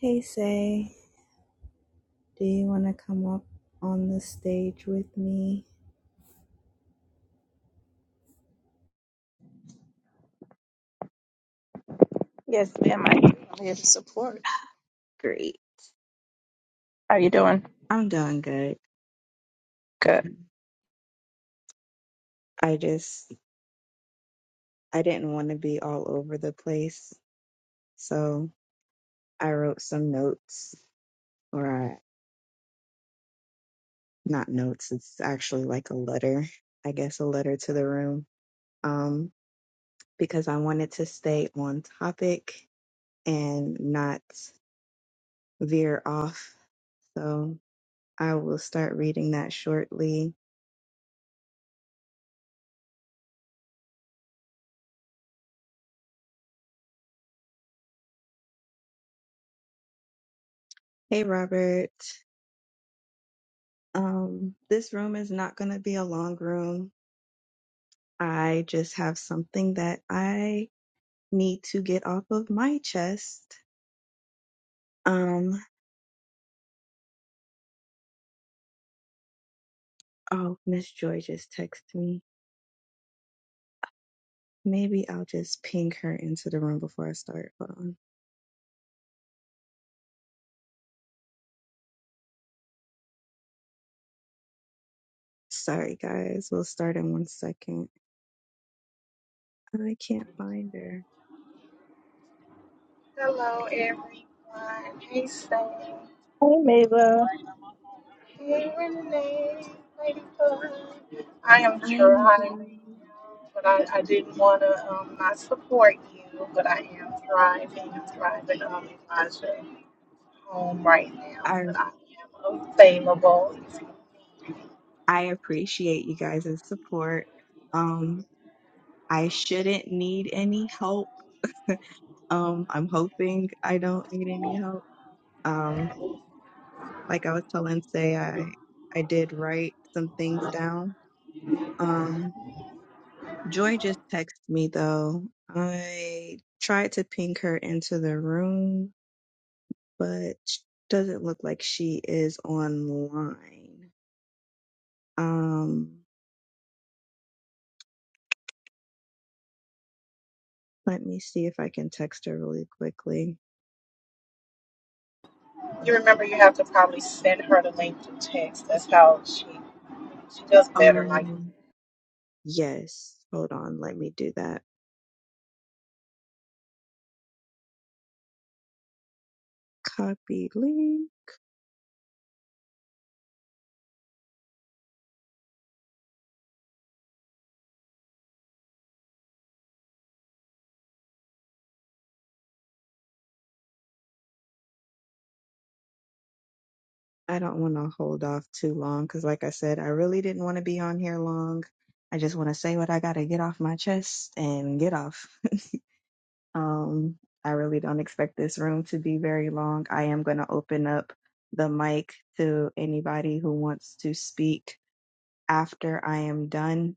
Hey, Say, do you want to come up on the stage with me? Yes, ma'am. I do. I'm here to support. Great. How you doing? I'm doing good. Good. I just, I didn't want to be all over the place. So I wrote some notes, or I, not notes, it's actually like a letter, I guess a letter to the room, um, because I wanted to stay on topic and not veer off. So I will start reading that shortly. Hey, Robert. Um, this room is not going to be a long room. I just have something that I need to get off of my chest. Um, oh, Miss Joy just texted me. Maybe I'll just ping her into the room before I start. Hold on. Sorry, guys. We'll start in one second. I can't find her. Hello, everyone. Hey, Sam. Hey, Mayla. Hey, Renee. Lady I am I'm driving, but I, I didn't want to um, not support you, but I am driving. I'm driving um, Elijah home right now, I but I am available. I appreciate you guys' support. Um, I shouldn't need any help. Um, I'm hoping I don't need any help Um, like I was telling say I I did write some things down. Um, Joy just texted me though. I tried to ping her into the room, but sh- doesn't look like she is online. Um, let me see if I can text her really quickly. You remember you have to probably send her the link to text. That's how she, she does better like Um, yes, hold on, let me do that. Copy link. I don't want to hold off too long because, like I said, I really didn't want to be on here long. I just want to say what I got to get off my chest and get off. um, I really don't expect this room to be very long. I am going to open up the mic to anybody who wants to speak after I am done.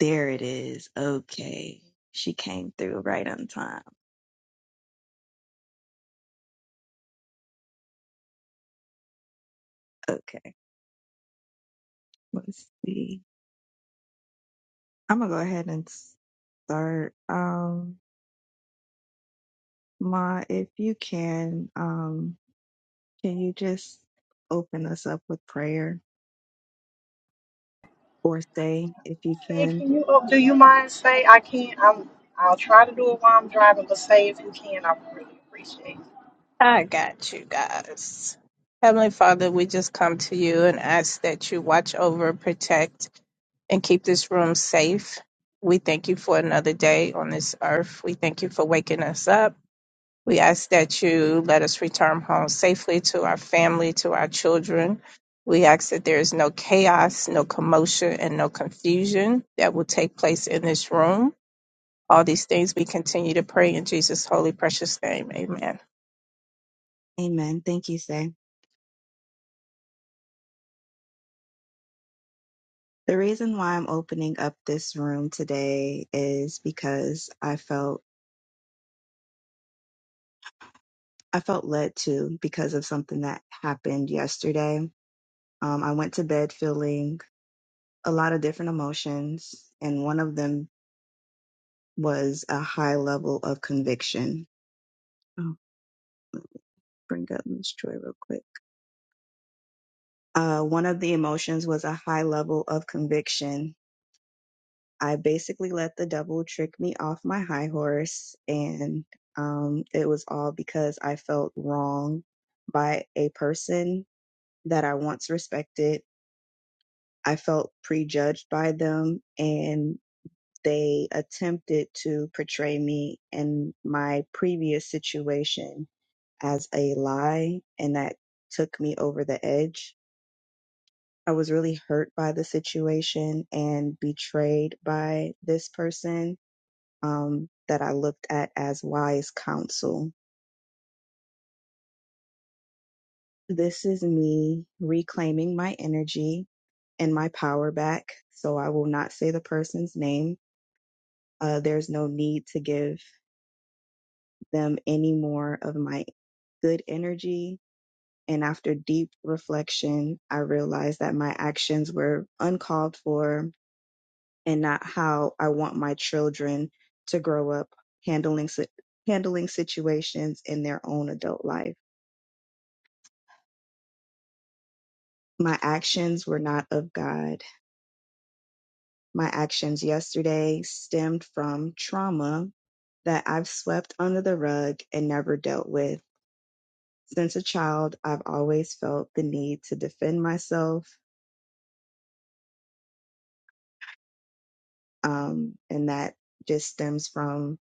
There it is. Okay. She came through right on time. Okay. Let's see. I'm going to go ahead and start. Um. Ma, if you can, um, can you just open us up with prayer or say, if you Say, can? can you? Oh, do you mind? Say, I can't. I'm. I'll try to do it while I'm driving, but say if you can, I would really appreciate. it. I got you guys. Heavenly Father, we just come to you and ask that you watch over, protect, and keep this room safe. We thank you for another day on this earth. We thank you for waking us up. We ask that you let us return home safely to our family, to our children. We ask that there is no chaos, no commotion, and no confusion that will take place in this room. All these things we continue to pray in Jesus' holy, precious name. Amen. Amen. Thank you, Say. The reason why I'm opening up this room today is because I felt I felt led to because of something that happened yesterday. Um, I went to bed feeling a lot of different emotions, and one of them was a high level of conviction. I'll bring up Miss Joy real quick. Uh, one of the emotions was a high level of conviction. I basically let the devil trick me off my high horse, and um, it was all because I felt wrong by a person that I once respected. I felt prejudged by them, and they attempted to portray me and my previous situation as a lie, and that took me over the edge I was really hurt by the situation and betrayed by this person um, that I looked at as wise counsel. This is me reclaiming my energy and my power back. So I will not say the person's name. Uh, there's no need to give them any more of my good energy. And after deep reflection, I realized that my actions were uncalled for and not how I want my children to grow up handling si- handling situations in their own adult life. My actions were not of God. My actions yesterday stemmed from trauma that I've swept under the rug and never dealt with. Since a child, I've always felt the need to defend myself, um, and that just stems from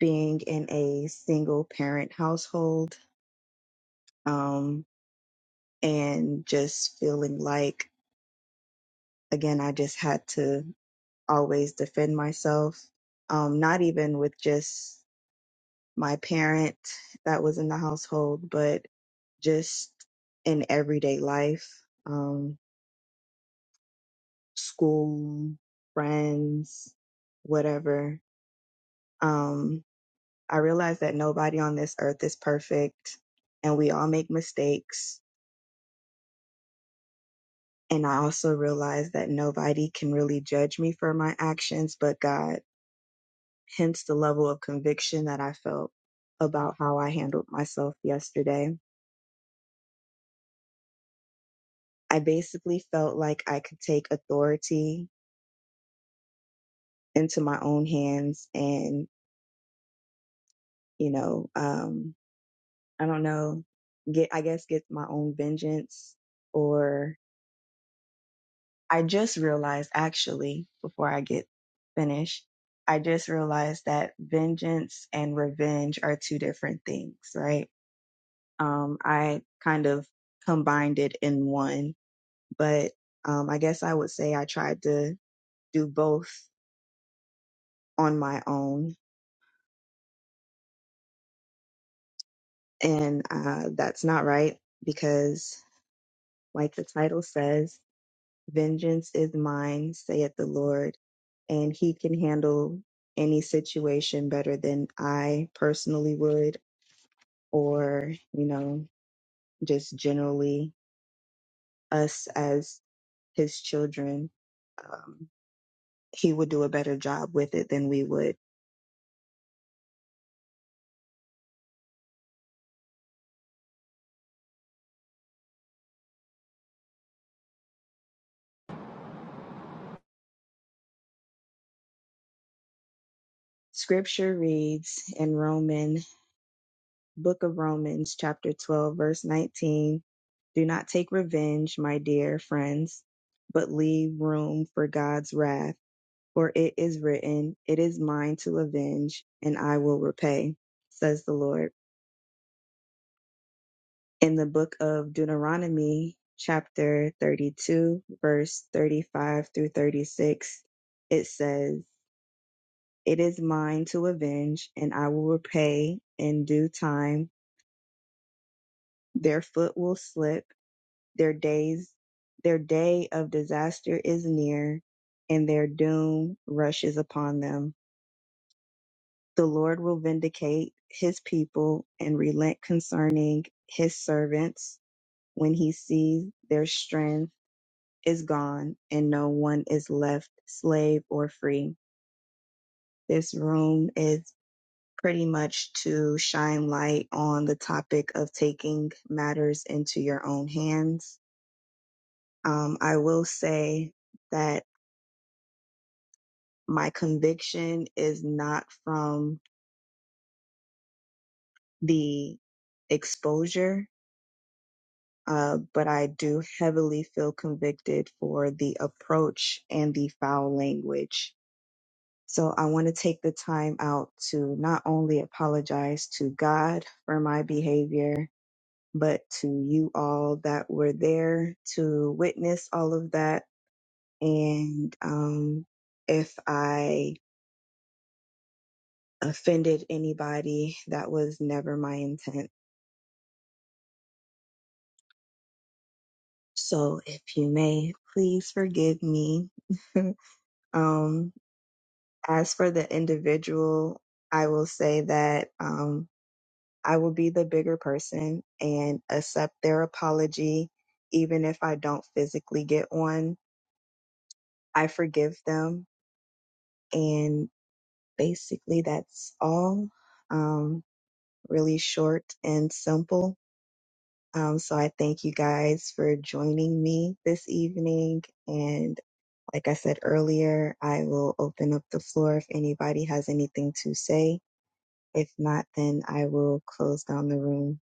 being in a single parent household. Um, and just feeling like again i just had to always defend myself um not even with just my parent that was in the household but just in everyday life um school friends whatever um i realized that nobody on this earth is perfect and we all make mistakes and i also realized that nobody can really judge me for my actions but god hence the level of conviction that I felt about how I handled myself yesterday. I basically felt like I could take authority into my own hands and, you know, um, I don't know, get, I guess, get my own vengeance. Or I just realized actually, before I get finished, I just realized that vengeance and revenge are two different things, right? Um, I kind of combined it in one but um, I guess I would say I tried to do both on my own. And uh, that's not right because, like the title says, vengeance is mine, saith the Lord, and he can handle any situation better than I personally would, or, you know, just generally us as his children. Um, he would do a better job with it than we would. Scripture reads in Romans Book of Romans, chapter 12, verse 19. Do not take revenge, my dear friends, but leave room for God's wrath, for it is written, It is mine to avenge, and I will repay, says the Lord. In the book of Deuteronomy, chapter 32, verse 35 through 36, it says, It is mine to avenge, and I will repay in due time. Their foot will slip Their days, their day of disaster is near, and their doom rushes upon them. The Lord will vindicate his people and relent concerning his servants when he sees their strength is gone and no one is left slave or free. This room is pretty much to shine light on the topic of taking matters into your own hands. Um, I will say that my conviction is not from the exposure, uh, but I do heavily feel convicted for the approach and the foul language. So I want to take the time out to not only apologize to God for my behavior, but to you all that were there to witness all of that. And um, if I offended anybody, that was never my intent. So if you may, please forgive me. um, as for the individual, I will say that um, I will be the bigger person and accept their apology, even if I don't physically get one. I forgive them. And basically, that's all. Um, really short and simple. Um, so I thank you guys for joining me this evening. and. Like I said earlier, I will open up the floor if anybody has anything to say. If not, then I will close down the room.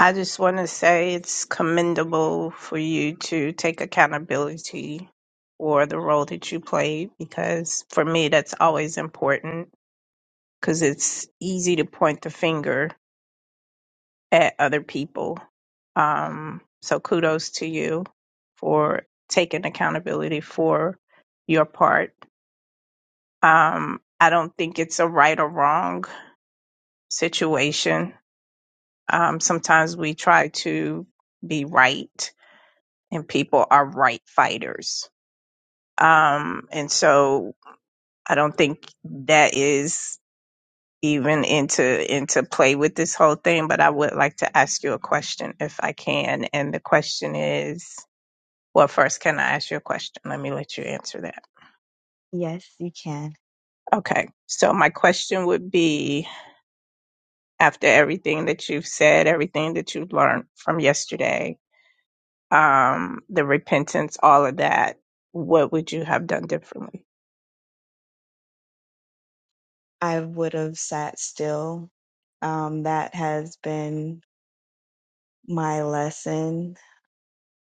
I just want to say it's commendable for you to take accountability for the role that you played because for me, that's always important because it's easy to point the finger at other people. Um, so kudos to you for taking accountability for your part Um, I don't think it's a right or wrong situation. Um, sometimes we try to be right, and people are right fighters. Um, and so I don't think that is even into into play with this whole thing. But I would like to ask you a question if I can. And the question is, well, first, can I ask you a question? Let me let you answer that. Yes, you can. Okay. So my question would be after everything that you've said, everything that you've learned from yesterday, um, the repentance, all of that, what would you have done differently? I would have sat still. Um, that has been my lesson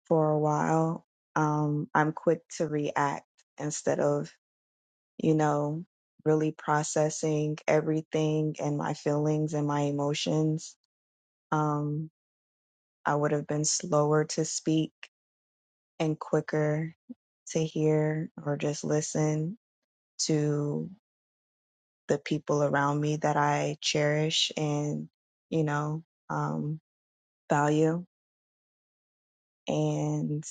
for a while. Um, I'm quick to react instead of, you know, really processing everything and my feelings and my emotions. Um, I would have been slower to speak and quicker to hear or just listen to the people around me that I cherish and, you know, um, value. And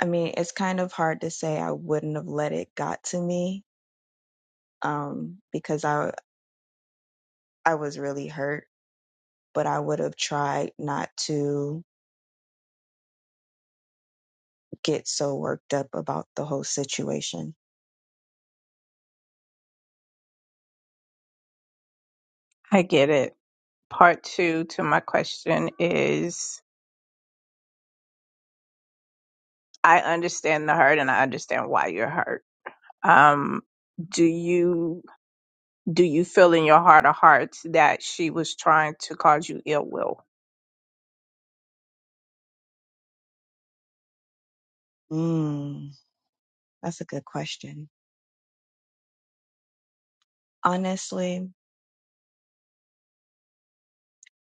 I mean, it's kind of hard to say I wouldn't have let it got to me um, because I I was really hurt, but I would have tried not to get so worked up about the whole situation. I get it. Part two to my question is I understand the hurt and I understand why you're hurt. Um, do you do you feel in your heart of hearts that she was trying to cause you ill will? Mm, that's a good question. Honestly,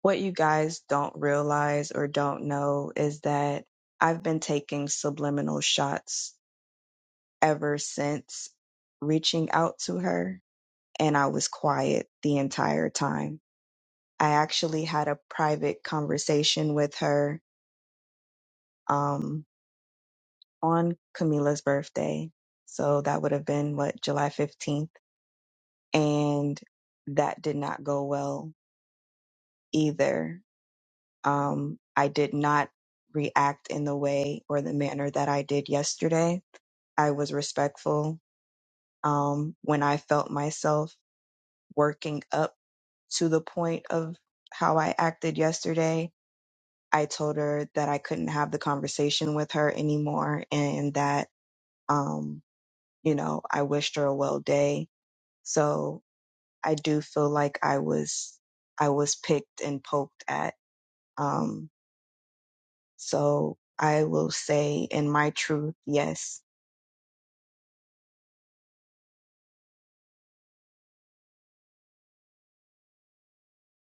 what you guys don't realize or don't know is that I've been taking subliminal shots ever since reaching out to her, and I was quiet the entire time. I actually had a private conversation with her um, on Camila's birthday. So that would have been what, July 15th? And that did not go well either Um, I did not react in the way or the manner that I did yesterday. I was respectful um, when I felt myself working up to the point of how I acted yesterday. I told her that I couldn't have the conversation with her anymore and that, um, you know, I wished her a well day. So I do feel like I was, I was picked and poked at. Um. So I will say in my truth, yes,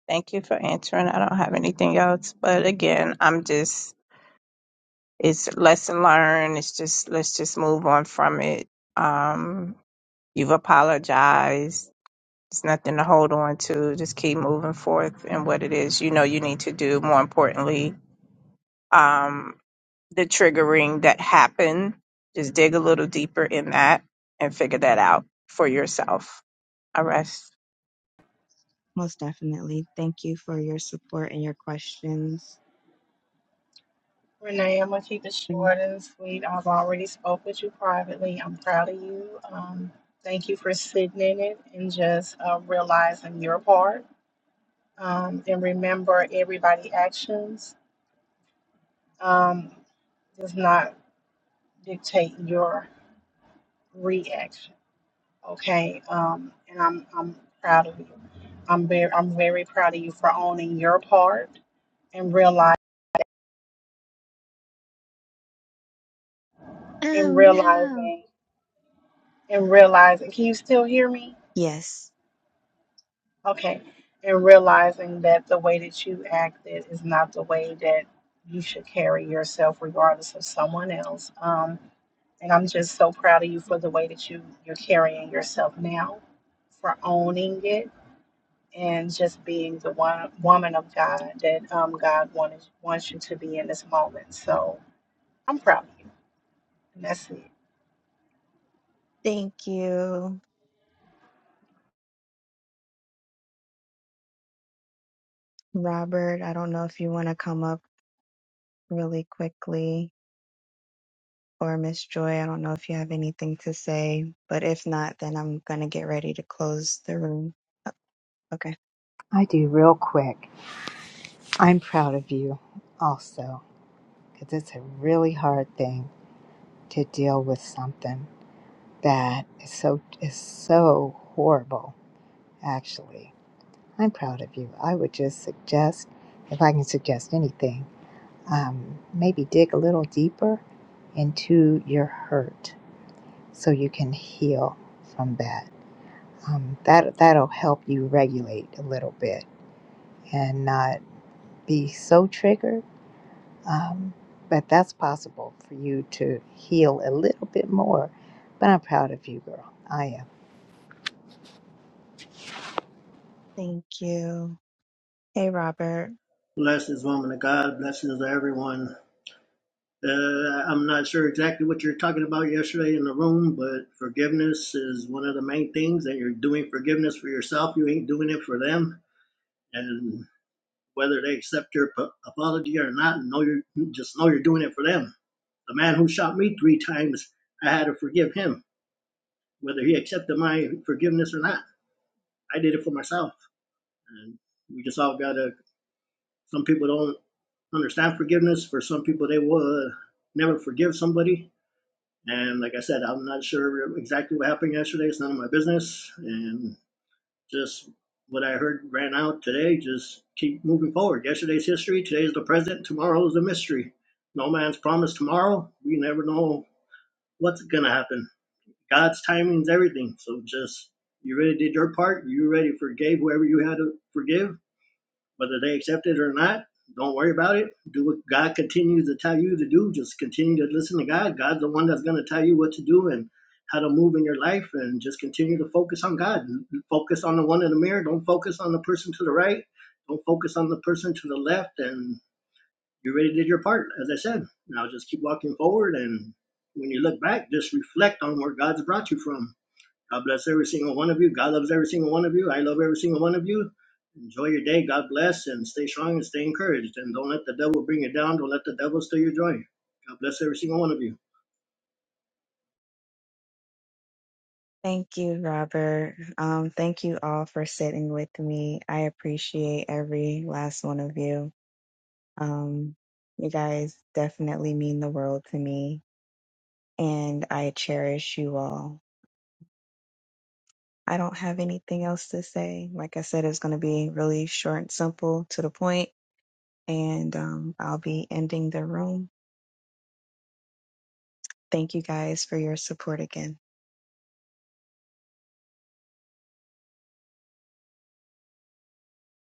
Thank you for answering. I don't have anything else, but again, I'm just it's lesson learned. It's just let's just move on from it. Um, you've apologized. It's nothing to hold on to. Just keep moving forth in what it is you know you need to do. More importantly, um, the triggering that happened. Just dig a little deeper in that and figure that out for yourself. I rest. most definitely. Thank you for your support and your questions. Renee, I'm gonna keep it Mm. short and sweet. I've already spoke with you privately. I'm proud of you. Um, thank you for sitting in it and just uh, realizing your part. Um, and remember, everybody' actions um, does not dictate your reaction. okay? Um, and I'm I'm proud of you. I'm very I'm very proud of you for owning your part and realize and Oh no. realizing and realizing. Can you still hear me? Yes. Okay. And realizing that the way that you acted is not the way that you should carry yourself, regardless of someone else. Um, and I'm just so proud of you for the way that you you're carrying yourself now, for owning it and just being the one, woman of God that um, God wanted wants you to be in this moment. So I'm proud of you, and that's it. Thank you, Robert. I don't know if you want to come up really quickly or Miss Joy. I don't know if you have anything to say, but if not, then I'm going to get ready to close the room. Okay. I do real quick. I'm proud of you also because it's a really hard thing to deal with something that is so is so horrible. Actually, I'm proud of you. I would just suggest, if I can suggest anything, um, maybe dig a little deeper into your hurt so you can heal from that. Um, that that'll help you regulate a little bit and not be so triggered Um, but that's possible for you to heal a little bit more. But I'm proud of you, girl. I am. Thank you. Hey, Robert. Blessings, woman of God. Blessings to everyone. Uh, I'm not sure exactly what you're talking about yesterday in the room, but forgiveness is one of the main things, and you're doing forgiveness for yourself. You ain't doing it for them, and whether they accept your ap- apology or not, know you just know you're doing it for them. The man who shot me three times, I had to forgive him, whether he accepted my forgiveness or not. I did it for myself, and we just all gotta Some people don't understand forgiveness. For some people, they will uh, never forgive somebody. And like I said, I'm not sure exactly what happened yesterday. It's none of my business. And just what I heard ran out today. Just keep moving forward. Yesterday's history. Today's the present. Tomorrow is the mystery. No man's promised tomorrow. We never know what's gonna happen. God's timing is everything. So just you ready to do your part. You ready forgave whoever you had to forgive whether they accept it or not, don't worry about it. Do what God continues to tell you to do. Just continue to listen to God. God's the one that's going to tell you what to do and how to move in your life. And just continue to focus on God. Focus on the one in the mirror. Don't focus on the person to the right. Don't focus on the person to the left. And you already did your part, as I said. Now just keep walking forward. And when you look back, just reflect on where God's brought you from God bless every single one of you. God loves every single one of you. I love every single one of you. Enjoy your day. God bless and stay strong and stay encouraged. And don't let the devil bring you down. Don't let the devil steal your joy. God bless every single one of you. Thank you, Robert. Um, thank you all for sitting with me. I appreciate every last one of you. Um, you guys definitely mean the world to me, and I cherish you all. I don't have anything else to say. Like I said, it's going to be really short and simple to the point, and um, I'll be ending the room. Thank you guys for your support again.